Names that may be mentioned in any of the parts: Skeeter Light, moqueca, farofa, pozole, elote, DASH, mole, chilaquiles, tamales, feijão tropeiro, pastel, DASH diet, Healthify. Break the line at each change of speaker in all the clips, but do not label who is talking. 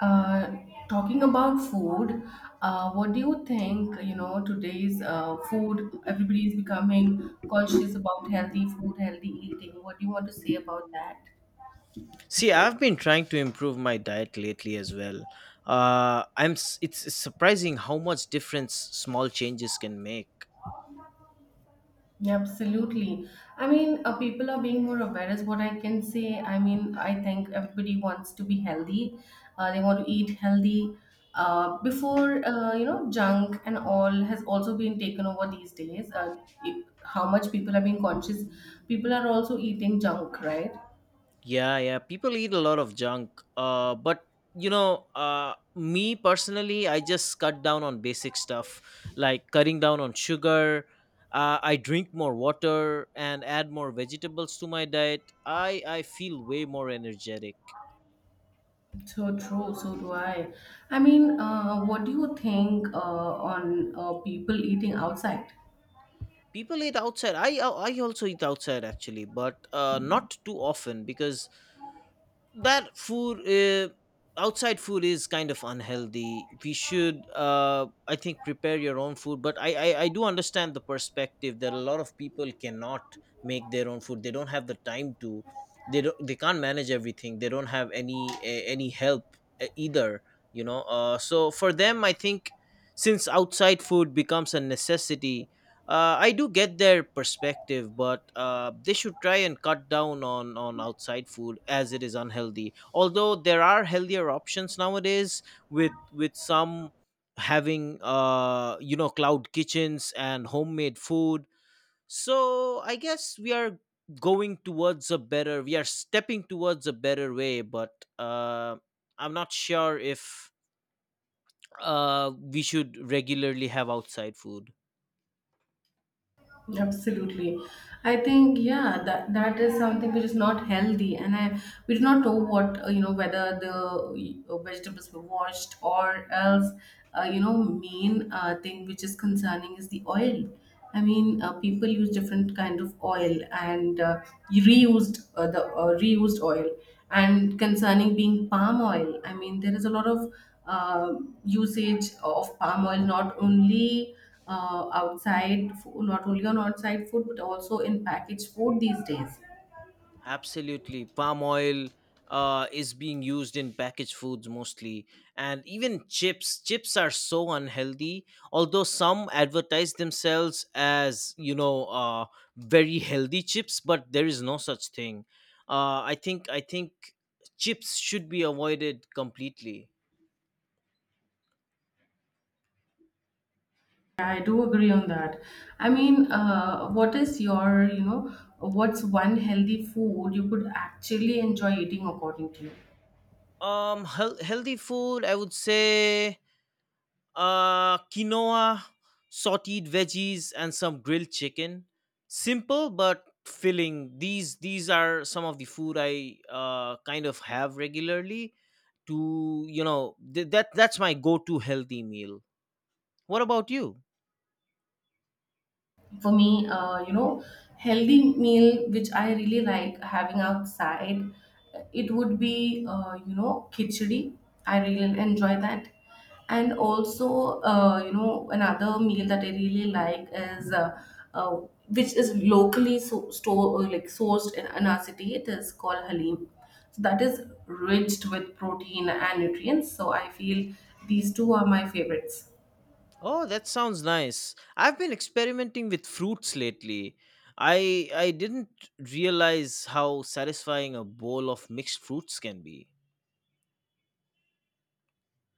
Uh, talking about food, what do you think? You know, today's food, everybody is becoming conscious about healthy food, healthy eating. What do you want to say about that?
See, I've been trying to improve my diet lately as well. It's surprising how much difference small changes can make.
Yeah, absolutely. I mean, people are being more aware, is what I can say. I mean, I think everybody wants to be healthy. They want to eat healthy. Before, you know, junk and all has also been taken over these days. It, how much people are being conscious, people are also eating junk, right?
Yeah, yeah. People eat a lot of junk. Me personally, I just cut down on basic stuff like cutting down on sugar. I drink more water and add more vegetables to my diet. I feel way more energetic.
So true, so do I. I mean, what do you think on people eating outside?
People eat outside. I also eat outside actually, but not too often because that food outside food is kind of unhealthy. We should, I think, prepare your own food, but I do understand the perspective that a lot of people cannot make their own food. They don't have the time to, they can't manage everything. They don't have any help either. So for them, I think, since outside food becomes a necessity, I do get their perspective, but they should try and cut down on outside food as it is unhealthy. Although there are healthier options nowadays, with some having cloud kitchens and homemade food. So I guess we are going towards a better. We are stepping towards a better way, but uh, I'm not sure if we should regularly have outside food.
Absolutely. I think yeah, that is something which is not healthy, and I we do not know what you know, whether the vegetables were washed, or else you know, main thing which is concerning is the oil. I mean, people use different kind of oil, and reused oil, and concerning being palm oil. I mean, there is a lot of uh, usage of palm oil, not only outside, not only on outside food, but also in packaged food these days.
Absolutely. Palm oil is being used in packaged foods mostly. And even chips. Chips are so unhealthy. Although some advertise themselves as, very healthy chips, but there is no such thing. I think chips should be avoided completely.
Yeah, I do agree on that. I mean, what is your, you know, what's one healthy food you could actually enjoy eating according to you?
Healthy food, I would say quinoa, sautéed veggies, and some grilled chicken. Simple but filling. These are some of the food I kind of have regularly. To you know th- that That's my go-to healthy meal. What about you?
For me, you know, healthy meal which I really like having outside, it would be you know, khichdi. I really enjoy that. And also, you know, another meal that I really like is uh, which is locally so, store, like sourced in our city, it is called halim. So that is rich with protein and nutrients, so I feel these two are my favorites.
Oh, that sounds nice. I've been experimenting with fruits lately. I didn't realize how satisfying a bowl of mixed fruits can be.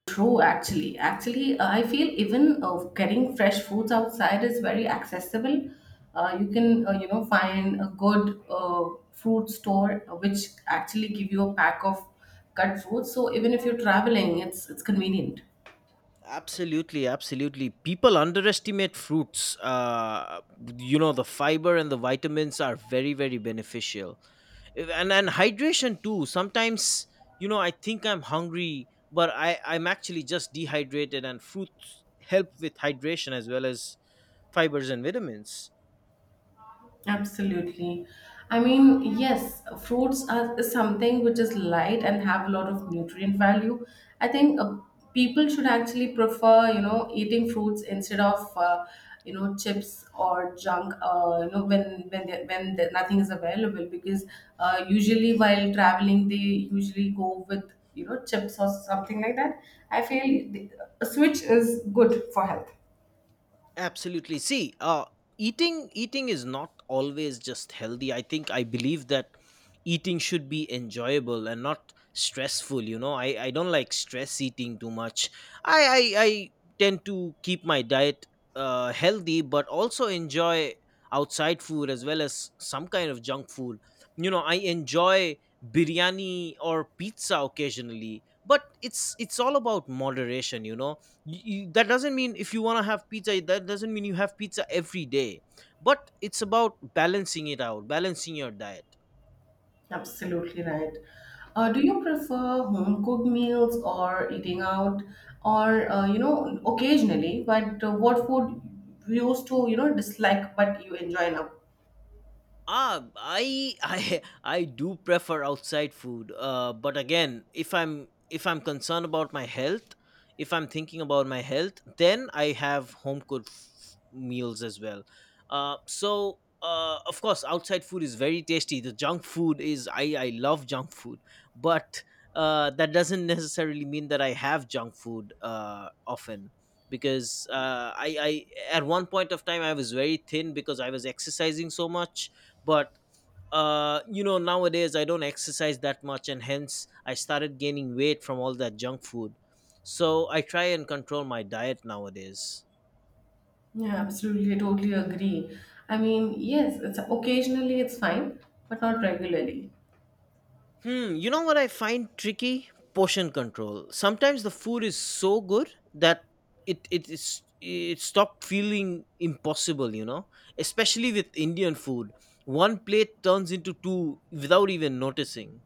True, actually. Actually, I feel even getting fresh foods outside is very accessible. You can, you know, find a good fruit store which actually give you a pack of cut fruits. So even if you're traveling, it's convenient.
Absolutely, absolutely. People underestimate fruits. You know, the fiber and the vitamins are very, very beneficial. And hydration too. Sometimes, you know, I think I'm hungry, but I'm actually just dehydrated, and fruits help with hydration as well as fibers and vitamins.
Absolutely. I mean, yes, fruits are is something which is light and have a lot of nutrient value. I think people should actually prefer, you know, eating fruits instead of, you know, chips or junk. You know, when they, when the, nothing is available, because usually while traveling, they usually go with you know chips or something like that. I feel the, a switch is good for health.
Absolutely. See, eating is not always just healthy. I think I believe that eating should be enjoyable and not stressful. You know, I don't like stress eating too much. I tend to keep my diet healthy, but also enjoy outside food as well as some kind of junk food. You know, I enjoy biryani or pizza occasionally, but it's all about moderation. You know, that doesn't mean if you want to have pizza that doesn't mean you have pizza every day, but it's about balancing it out, balancing your diet.
Absolutely right. Do you prefer home cooked meals or eating out, or you know, occasionally? But what food you used to you know dislike but you enjoy now?
Ah, I do prefer outside food. But again, if I'm concerned about my health, if I'm thinking about my health, then I have home cooked meals as well. Of course, outside food is very tasty. The junk food is, I love junk food, but that doesn't necessarily mean that I have junk food often because I at one point of time I was very thin because I was exercising so much, but nowadays I don't exercise that much and hence I started gaining weight from all that junk food. So I try and control my diet nowadays.
Yeah, absolutely. I totally agree. I mean, yes, it's occasionally it's fine, but not regularly.
Hmm, you know what I find tricky? Portion control. Sometimes the food is so good that it stopped feeling impossible, you know, especially with Indian food. One plate turns into two without even noticing.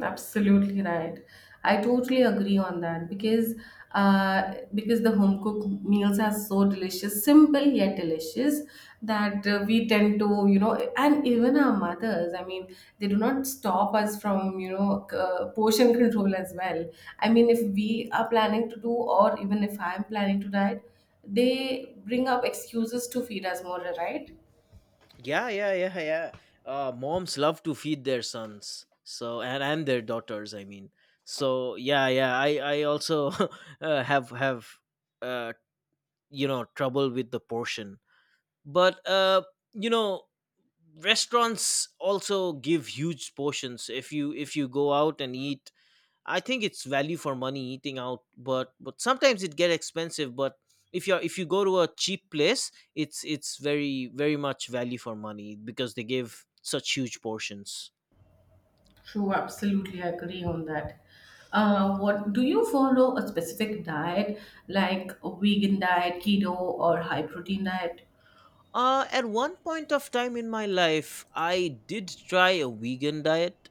Absolutely right. I totally agree on that because the home cooked meals are so delicious, simple yet delicious, that we tend to you know, and even our mothers. I mean, they do not stop us from you know portion control as well. I mean, if we are planning to do, or even if I am planning to diet, they bring up excuses to feed us more, right?
Yeah, yeah, yeah, yeah. Moms love to feed their sons, and their daughters. I mean, so yeah, yeah. I also have uh you know trouble with the portion, but you know restaurants also give huge portions. If you go out and eat, I think it's value for money eating out, but sometimes it get expensive. But if you go to a cheap place, it's very very much value for money because they give such huge portions.
True, absolutely, I agree on that. What do you follow a specific diet, like a vegan diet, keto, or high protein diet?
At one point of time in my life, I did try a vegan diet,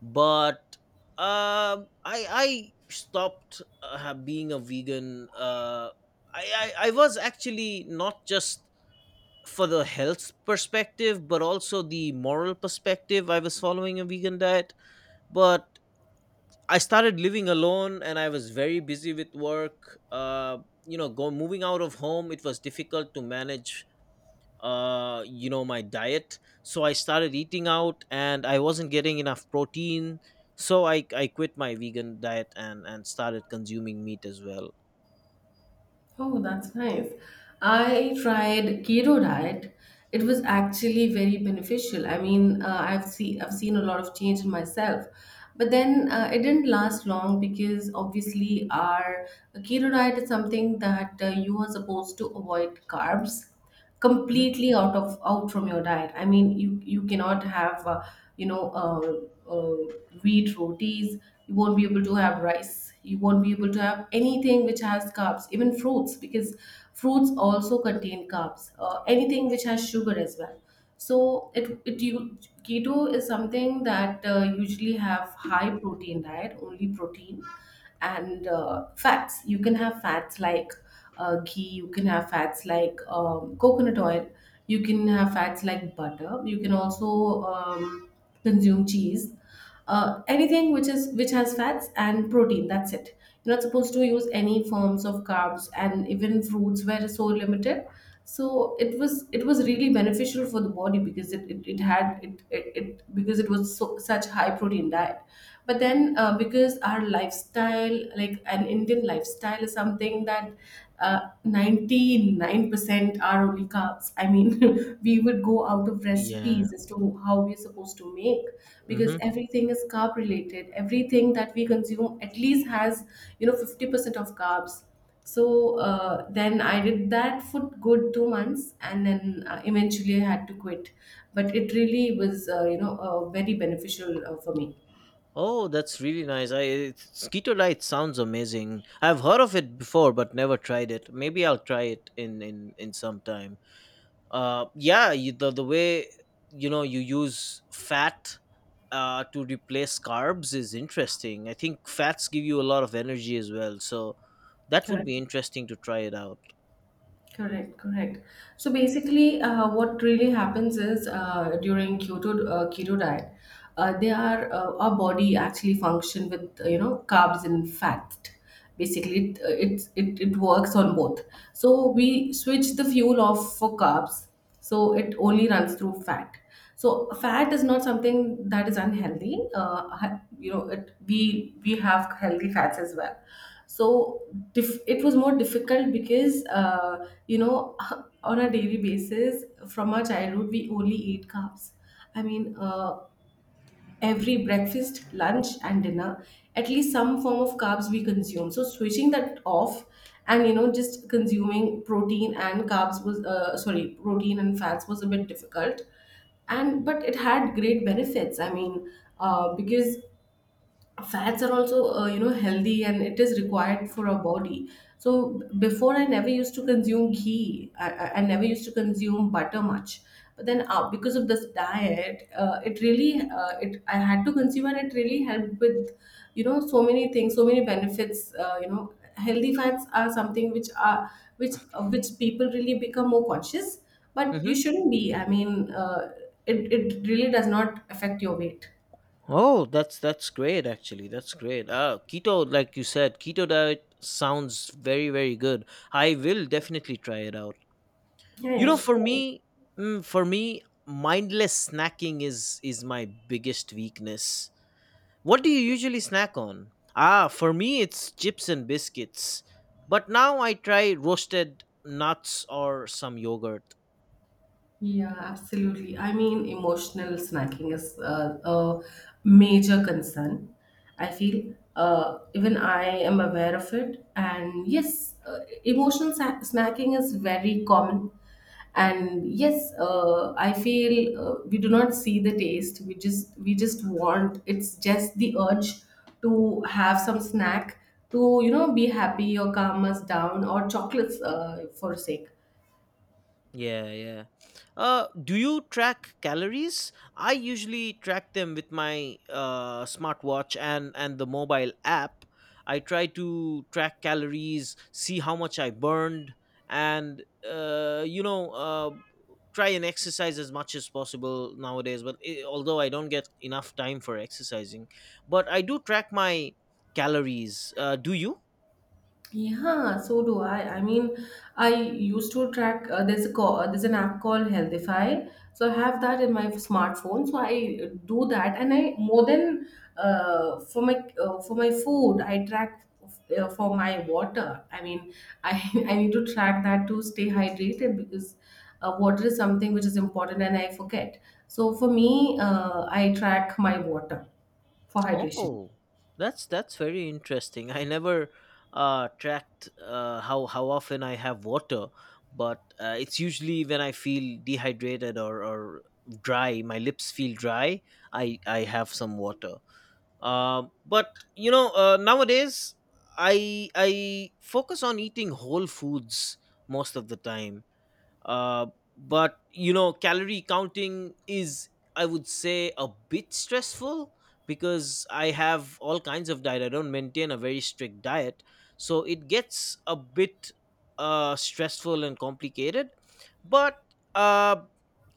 but I stopped being a vegan. I was actually not just for the health perspective, but also the moral perspective. I was following a vegan diet, but I started living alone and I was very busy with work. You know, go Moving out of home, it was difficult to manage my diet. So I started eating out, and I wasn't getting enough protein. So I quit my vegan diet and started consuming meat as well.
Oh, that's nice. I tried keto diet. It was actually very beneficial. I mean, I've seen a lot of change in myself, but then it didn't last long because obviously our keto diet is something that you are supposed to avoid carbs
Mhm.
completely, out of out from your diet. I mean, you cannot have you know uh, uh, wheat rotis, you won't be able to have rice, you won't be able to have anything which has carbs, even fruits, because fruits also contain carbs, anything which has sugar as well. So it you keto is something that usually have high protein diet, only protein and fats. You can have fats like ghee, you can have fats like coconut oil, you can have fats like butter, you can also consume cheese, anything which is which has fats and protein. That's it. You're not supposed to use any forms of carbs, and even fruits were so limited. So it was really beneficial for the body, because it had it, it, it because it was so, such high protein diet. But then because our lifestyle, like an Indian lifestyle, is something that 99% are only carbs. I mean, we would go out of
Yeah.
recipes as to how we're supposed to make, because
Mhm.
everything is carb related. Everything that we consume at least has, you know, 50% of carbs. So then I did that for good 2 months, and then eventually I had to quit. But it really was, you know, very beneficial for me.
Oh, that's really nice. Skeeter Light sounds amazing. I've heard of it before, but never tried it. Maybe I'll try it in some time. The way you know you use fat to replace carbs is interesting. I think fats give you a lot of energy as well, so that would
Correct.
be interesting to try it out.
Correct, correct. So basically, what really happens is, during keto diet, they are our body actually function with you know, carbs and fat. Basically, it works on both. So we switch the fuel off for carbs, so it only runs through fat. So fat is not something that is unhealthy. You know, it we have healthy fats as well. So it was more difficult because you know, on a daily basis from our childhood, we only ate carbs. I mean, every breakfast, lunch, and dinner, at least some form of carbs we consume. So switching that off, and you know, just consuming protein and carbs was sorry protein and fats was a bit difficult. And but it had great benefits, I mean, because fats are also you know, healthy, and it is required for our body. So before I never used to consume ghee, I never used to consume butter much. But then because of this diet, it really it I had to consume, and it really helped with you know, so many things, so many benefits. You know, healthy fats are something which are which people really become more conscious. But you shouldn't be. I mean, it, it really does not affect your weight.
Oh, that's great actually. That's great. Keto, like you said, keto diet sounds very very good. I will definitely try it out. You
Yeah,
know, for
sure.
me, for me, mindless snacking is my biggest weakness. What do you usually snack on? Ah, for me it's chips and biscuits. But now I try roasted nuts or some yogurt.
Yeah, absolutely. I mean, emotional snacking is a major concern. I feel even I am aware of it. And yes, snacking is very common. And yes, I feel we do not see the taste. We just want. It's just the urge to have some snack to you know, be happy or calm us down, or chocolates for sake.
Yeah, yeah. Do you track calories? I usually track them with my smartwatch and the mobile app. I try to track calories, see how much I burned, and try and exercise as much as possible nowadays. But I although I don't get enough time for exercising, but I do track my calories. Do you?
Yeah, so do I. I mean, I used to track. There's an app called Healthify, so I have that in my smartphone. So I do that, and I more than uh, for my for my food, I track for my water. I mean, I I need to track that to stay hydrated, because water is something which is important, and I forget. So for me, I track my water for hydration.
Oh, that's very interesting. I never tracked how often I have water, but it's usually when I feel dehydrated, or dry. My lips feel dry. I have some water. But you know Nowadays I focus on eating whole foods most of the time, uh, but you know, calorie counting is, I would say, a bit stressful because I have all kinds of diet. I don't maintain a very strict diet, so it gets a bit stressful and complicated. But uh,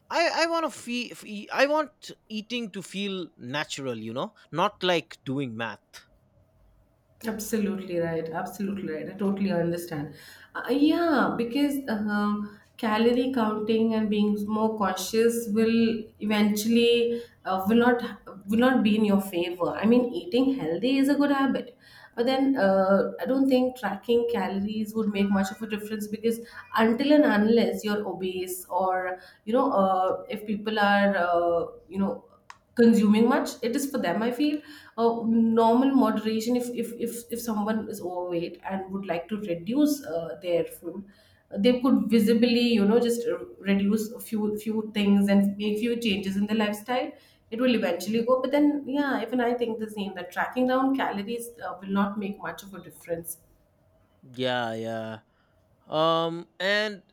I want to feel, I want eating to feel natural. You know, not like doing math.
Absolutely right. Absolutely right. I totally understand. Yeah, because calorie counting and being more conscious will eventually will not be in your favor. I mean, eating healthy is a good habit, but then I don't think tracking calories would make much of a difference, because until and unless you're obese, or you know if people are you know, consuming much, it is for them, I feel normal moderation. If someone is overweight and would like to reduce their food, they could visibly you know, just reduce a few things and make few changes in the lifestyle, it will eventually
Mhm.
go. But then yeah, even I think the same, that tracking down calories will not make much of a difference.
Yeah, yeah. And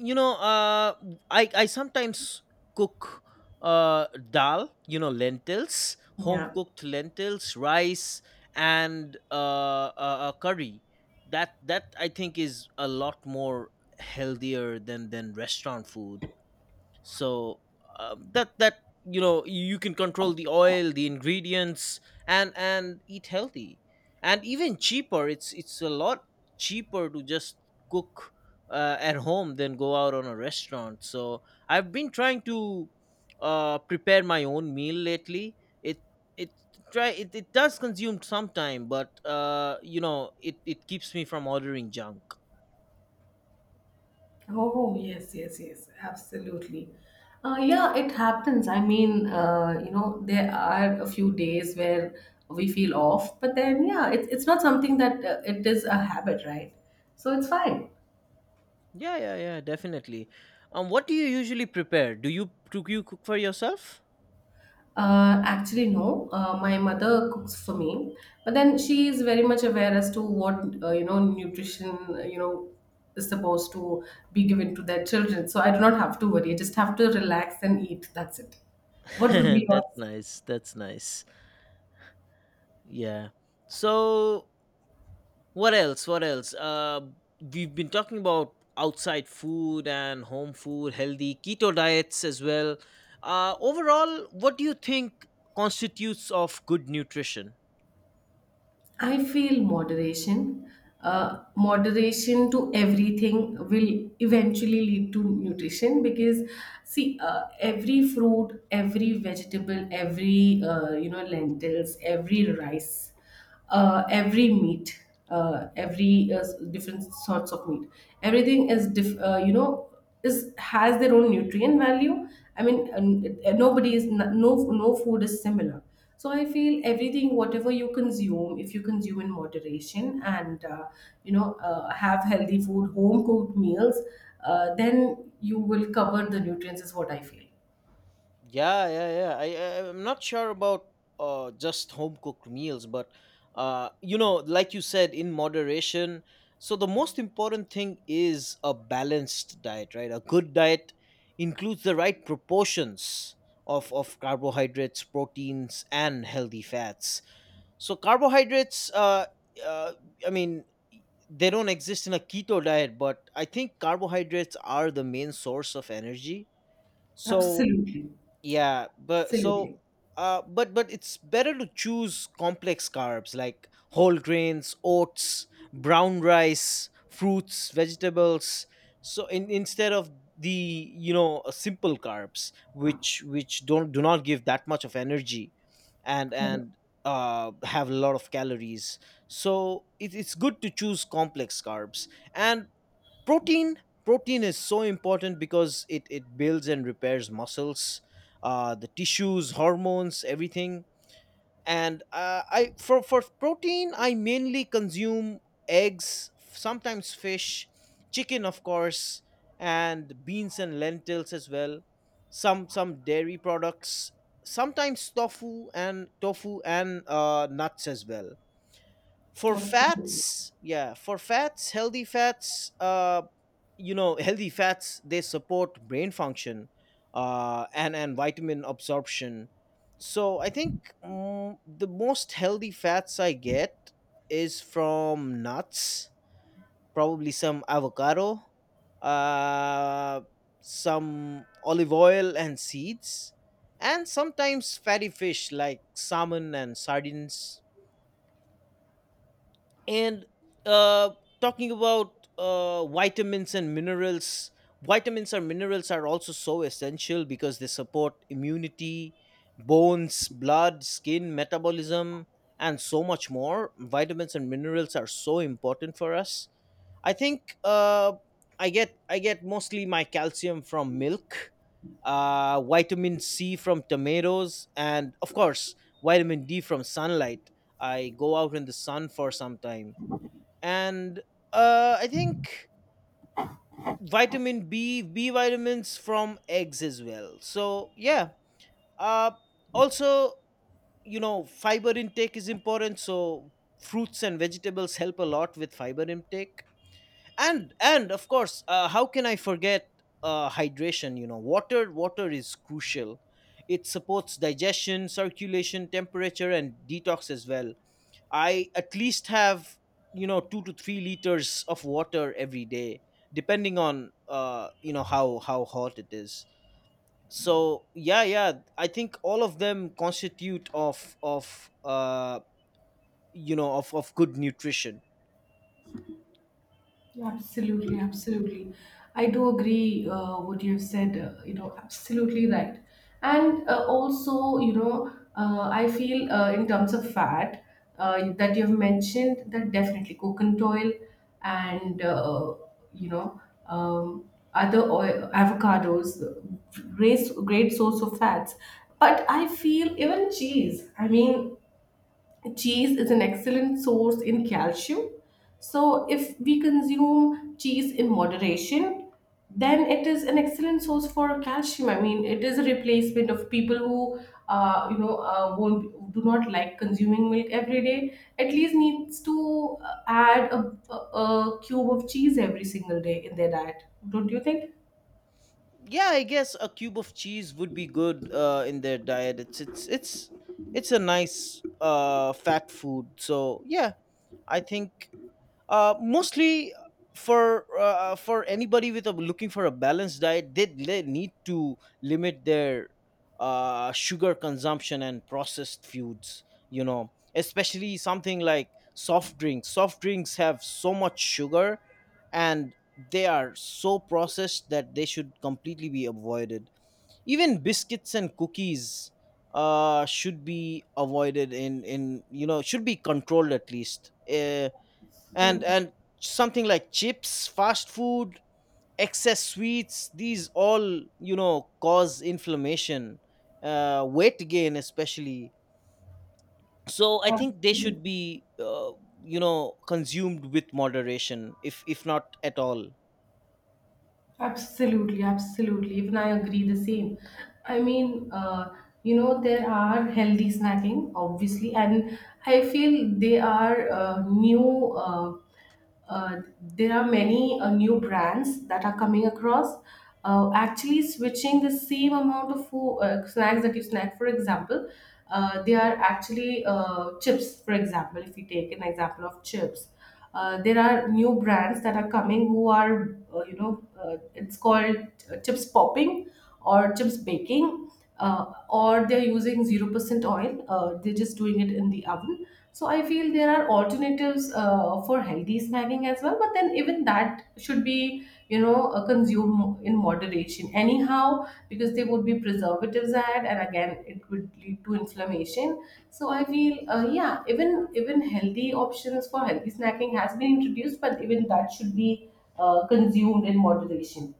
you know I sometimes cook dal, you know, lentils, home
Yeah.
cooked lentils, rice and curry. That I think is a lot more healthier than restaurant food. So that that You know, you can control the oil, the ingredients, and eat healthy. And even cheaper, it's a lot cheaper to just cook at home than go out on a restaurant. So I've been trying to prepare my own meal lately. it it it, it does consume some time, but it it keeps me from ordering junk.
Oh, yes, yes, yes, absolutely. Yeah, it happens. I mean, you know, there are a few days where we feel off, but then, yeah, it's not something that it is a habit, right? So it's fine.
Yeah, yeah, yeah, definitely. What do you usually prepare? Do you cook for yourself?
Actually, no, my mother cooks for me, but then she is very much aware as to what, you know, nutrition, you know, is supposed to be given to their children. So I do not have to worry. I just have to relax and eat. That's it. What would be
That's
yours?
nice. That's nice. Yeah. So what else? What else? We've been talking about outside food and home food, healthy keto diets as well. Overall, what do you think constitutes of good nutrition?
I feel moderation, moderation to everything will eventually lead to nutrition because, see, every fruit, every vegetable, every you know, lentils, every rice, every meat, different sorts of meat, everything is you know, is has their own nutrient value. I mean, nobody is no no no food is similar, so I feel everything, whatever you consume, if you consume in moderation and have healthy food, home cooked meals, then you will cover the nutrients. Is what I feel.
Yeah, yeah, yeah. I, I'm not sure about just home cooked meals, but you know, like you said, in moderation. So the most important thing is a balanced diet, right? A good diet includes the right proportions of carbohydrates, proteins, and healthy fats. So carbohydrates, uh I mean, they don't exist in a keto diet, but I think carbohydrates are the main source of energy. So
Absolutely,
yeah, but so
absolutely,
but it's better to choose complex carbs like whole grains, oats, brown rice, fruits, vegetables. So instead of the you know simple carbs which don't do not give that much of energy and have a lot of calories so it's good to choose complex carbs and protein. Protein is so important because it builds and repairs muscles, the tissues, hormones, everything. And I for protein I mainly consume eggs, sometimes fish, chicken of course, and beans and lentils as well, some dairy products, sometimes tofu and nuts as well. For
absolutely.
fats, yeah, for fats, healthy fats, healthy fats, they support brain function and vitamin absorption. So I think the most healthy fats I get is from nuts, probably some avocado, uh some olive oil and seeds, and sometimes fatty fish like salmon and sardines. And uh, talking about vitamins and minerals, vitamins and minerals are also so essential because they support immunity, bones, blood, skin, metabolism, and so much more. Vitamins and minerals are so important for us. I think I get mostly my calcium from milk, vitamin c from tomatoes, and of course vitamin d from sunlight. I go out in the sun for some time, and I think vitamin B, B vitamins from eggs as well. So yeah, uh, also, you know, fiber intake is important. So fruits and vegetables help a lot with fiber intake, and of course, how can I forget hydration? You know, water is crucial. It supports digestion, circulation, temperature, and detox as well. I at least have 2 to 3 liters of water every day, depending on you know, how hot it is. So yeah, yeah, I think all of them constitute of of good nutrition.
Absolutely, absolutely. I do agree what you have said. Absolutely right. And I feel in terms of fat that you have mentioned that definitely coconut oil and you know um, other oil, avocados, great source of fats. But I feel even cheese. I mean, cheese is an excellent source in calcium. So, if we consume cheese in moderation, then it is an excellent source for calcium. I mean, it is a replacement of people who, won't do not like consuming milk every day. At least needs to add a cube of cheese every single day in their diet. Don't you think?
Yeah, I guess a cube of cheese would be good in their diet. It's it's a nice fat food. So yeah, I think mostly for anybody with a looking for a balanced diet, they need to limit their sugar consumption and processed foods, you know, especially something like soft drinks. Soft drinks have so much sugar, and they are so processed that they should completely be avoided. Even biscuits and cookies should be avoided in should be controlled at least, uh, and
Mhm.
and something like chips, fast food, excess sweets, these all, you know, cause inflammation, weight gain especially. So I think they should
Absolutely.
be you know, consumed with moderation, if not at all.
Absolutely, absolutely. Even I agree the same. I mean, uh, there are healthy snacking, obviously, and I feel they are new. Uh, there are many new brands that are coming across, actually switching the same amount of food, snacks that you snack, for example they are actually chips. For example, if you take an example of chips, there are new brands that are coming who are it's called chips popping or chips baking, or they're using 0% oil, they're just doing it in the oven. So I feel there are alternatives for healthy snacking as well, but then even that should be, consumed in moderation anyhow, because there would be preservatives added, and again, it would lead to inflammation. So I feel, yeah, even healthy options for healthy snacking has been introduced, but even that should be consumed in moderation.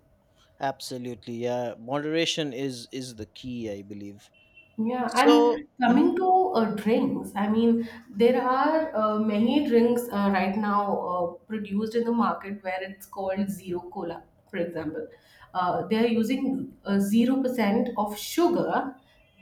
Absolutely, yeah, moderation is the key, I believe.
Yeah,
So
and
mhm.
coming to drinks, I mean, there are many drinks right now produced in the market where it's called zero cola, for example. They are using 0% of sugar,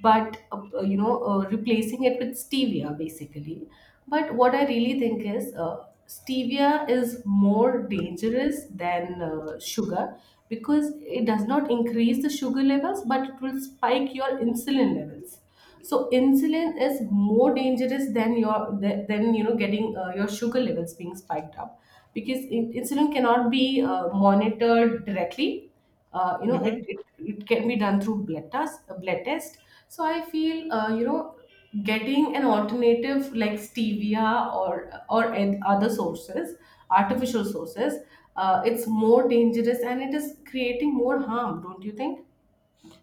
but replacing it with stevia, basically. But what I really think is stevia is more dangerous than sugar, because it does not increase the sugar levels but it will spike your insulin levels. So insulin is more dangerous than your than, you know, getting your sugar levels being spiked up, because insulin cannot be monitored directly. You know,
Mhm.
it can be done through blood test, blood test. So I feel, getting an alternative like stevia, or other sources, artificial sources, it's more dangerous and it is creating more harm. Don't you think?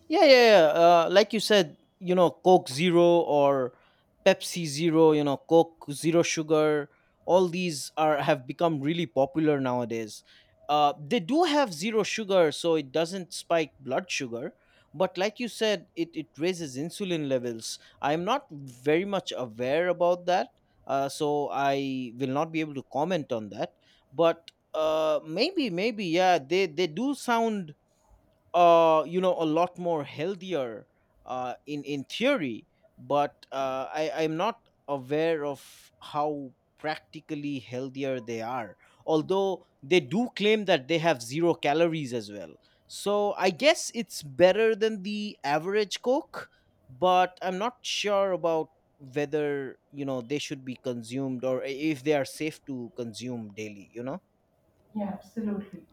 Yeah, yeah, yeah. Like you said, you know, Coke Zero or Pepsi Zero, you know, Coke Zero Sugar, all these are have become really popular nowadays. They do have zero sugar, so it doesn't spike blood sugar. But like you said, it raises insulin levels. I'm not very much aware about that, so I will not be able to comment on that. But maybe, yeah, they do sound you know, a lot more healthier in theory, but I'm not aware of how practically healthier they are, although they do claim that they have zero calories as well. So I guess it's better than the average coke, but I'm not sure about whether, you know, they should be consumed or if they are safe to consume daily, you know.
Yeah, absolutely.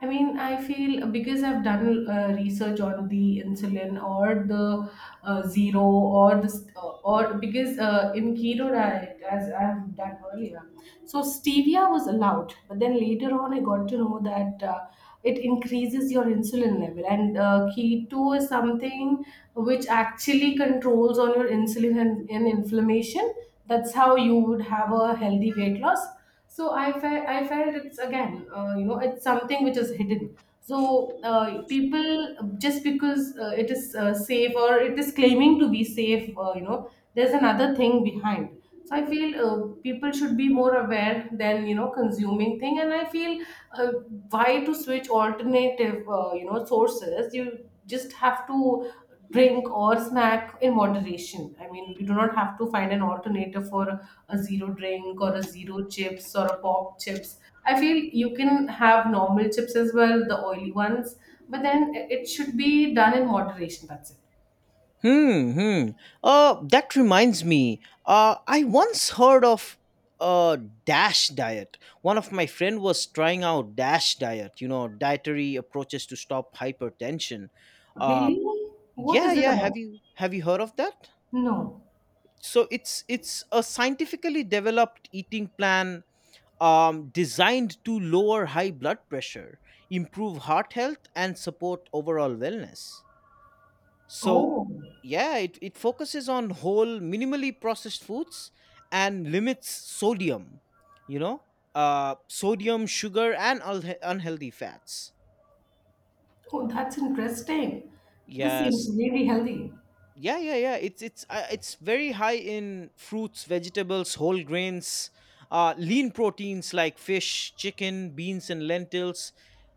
I mean, I feel, because I've done research on the insulin or the zero or this or because in keto diet, as I've done earlier, so stevia was allowed, but then later on, I got to know that it increases your insulin level, and keto is something which actually controls on your insulin and inflammation. That's how you would have a healthy weight loss. So I felt it's again, it's something which is hidden. So people, just because it is safe or it is claiming to be safe, you know, there's another thing behind. So I feel people should be more aware than, you know, consuming thing, and I feel uh, why to switch alternative, you know, sources. You just have to drink or snack in moderation. I mean, you do not have to find an alternative for a zero drink or a zero chips or a pop chips. I feel you can have normal chips as well, the oily ones, but then it should be done in moderation. That's it.
Hmm, hmm. That reminds me. I once heard of a dash diet. One of my friend was trying out dash diet. You know, dietary approaches to stop hypertension. Uh,
Really? What
yeah,
is it
yeah.
about?
Have you heard of that?
No.
So it's a scientifically developed eating plan, designed to lower high blood pressure, improve heart health, and support overall wellness. So,
Oh.
yeah, it focuses on whole, minimally processed foods, and limits sodium, you know, sodium, sugar, and unhealthy fats.
Oh, that's interesting. This
Yes,
seems really healthy.
yeah, yeah, yeah, it's very high in fruits, vegetables, whole grains, lean proteins like fish, chicken, beans, and lentils,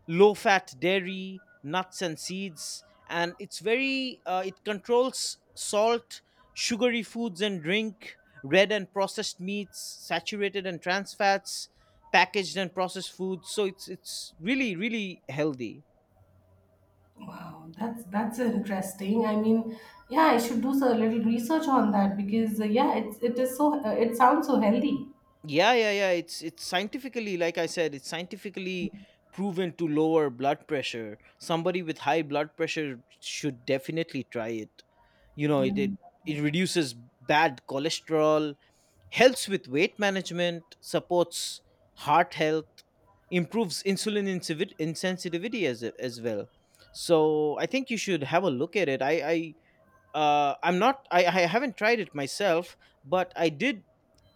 low fat dairy, nuts, and seeds. And it's very, it controls salt, sugary foods and drink, red and processed meats, saturated and trans fats, packaged and processed foods. So it's really really healthy.
Wow, that's interesting. I mean, yeah, I should do so, a little research on that, because yeah, it's it is so it sounds so healthy.
Yeah, yeah, yeah, it's scientifically, like I said, it's scientifically proven to lower blood pressure. Somebody with high blood pressure should definitely try it. You know,
Yeah.
it, it reduces bad cholesterol, helps with weight management, supports heart health, improves insulin insensitivity as well. So I think you should have a look at it. I I'm not I, I haven't tried it myself, but I did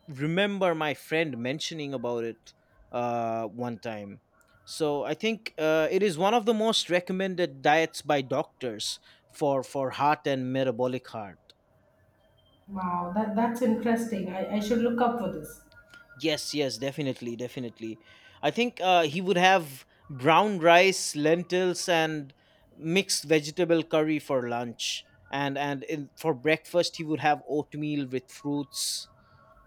remember my friend mentioning about it one time. So I think it is one of the most recommended diets by doctors for heart and metabolic heart.
Wow, that's interesting. I should look up for this.
Yes, yes, definitely, definitely. I think he would have brown rice, lentils, and mixed vegetable curry for lunch, and for breakfast he would have oatmeal with fruits,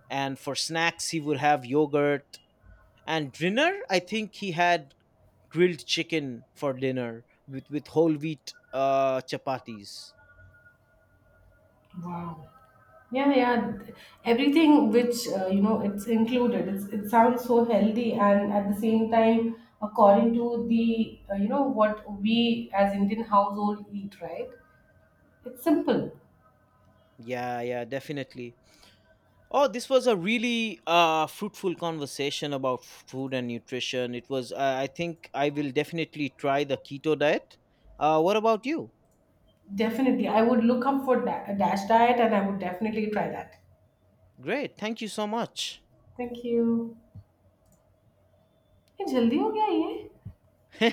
and for snacks he would have yogurt, and dinner I think he had grilled chicken for dinner with whole wheat chapatis.
Wow. Yeah, yeah. Everything which, it's included. It's, it sounds so healthy, and at the same time, according to the what we as Indian household eat, right? It's simple.
Yeah, yeah, definitely. Oh, this was a really fruitful conversation about food and nutrition. It was I think I will definitely try the keto diet. Uh, what about you?
Definitely. I would look up for dash diet and I would definitely try that.
Great, thank you so much.
Thank you. ये जल्दी हो गया ये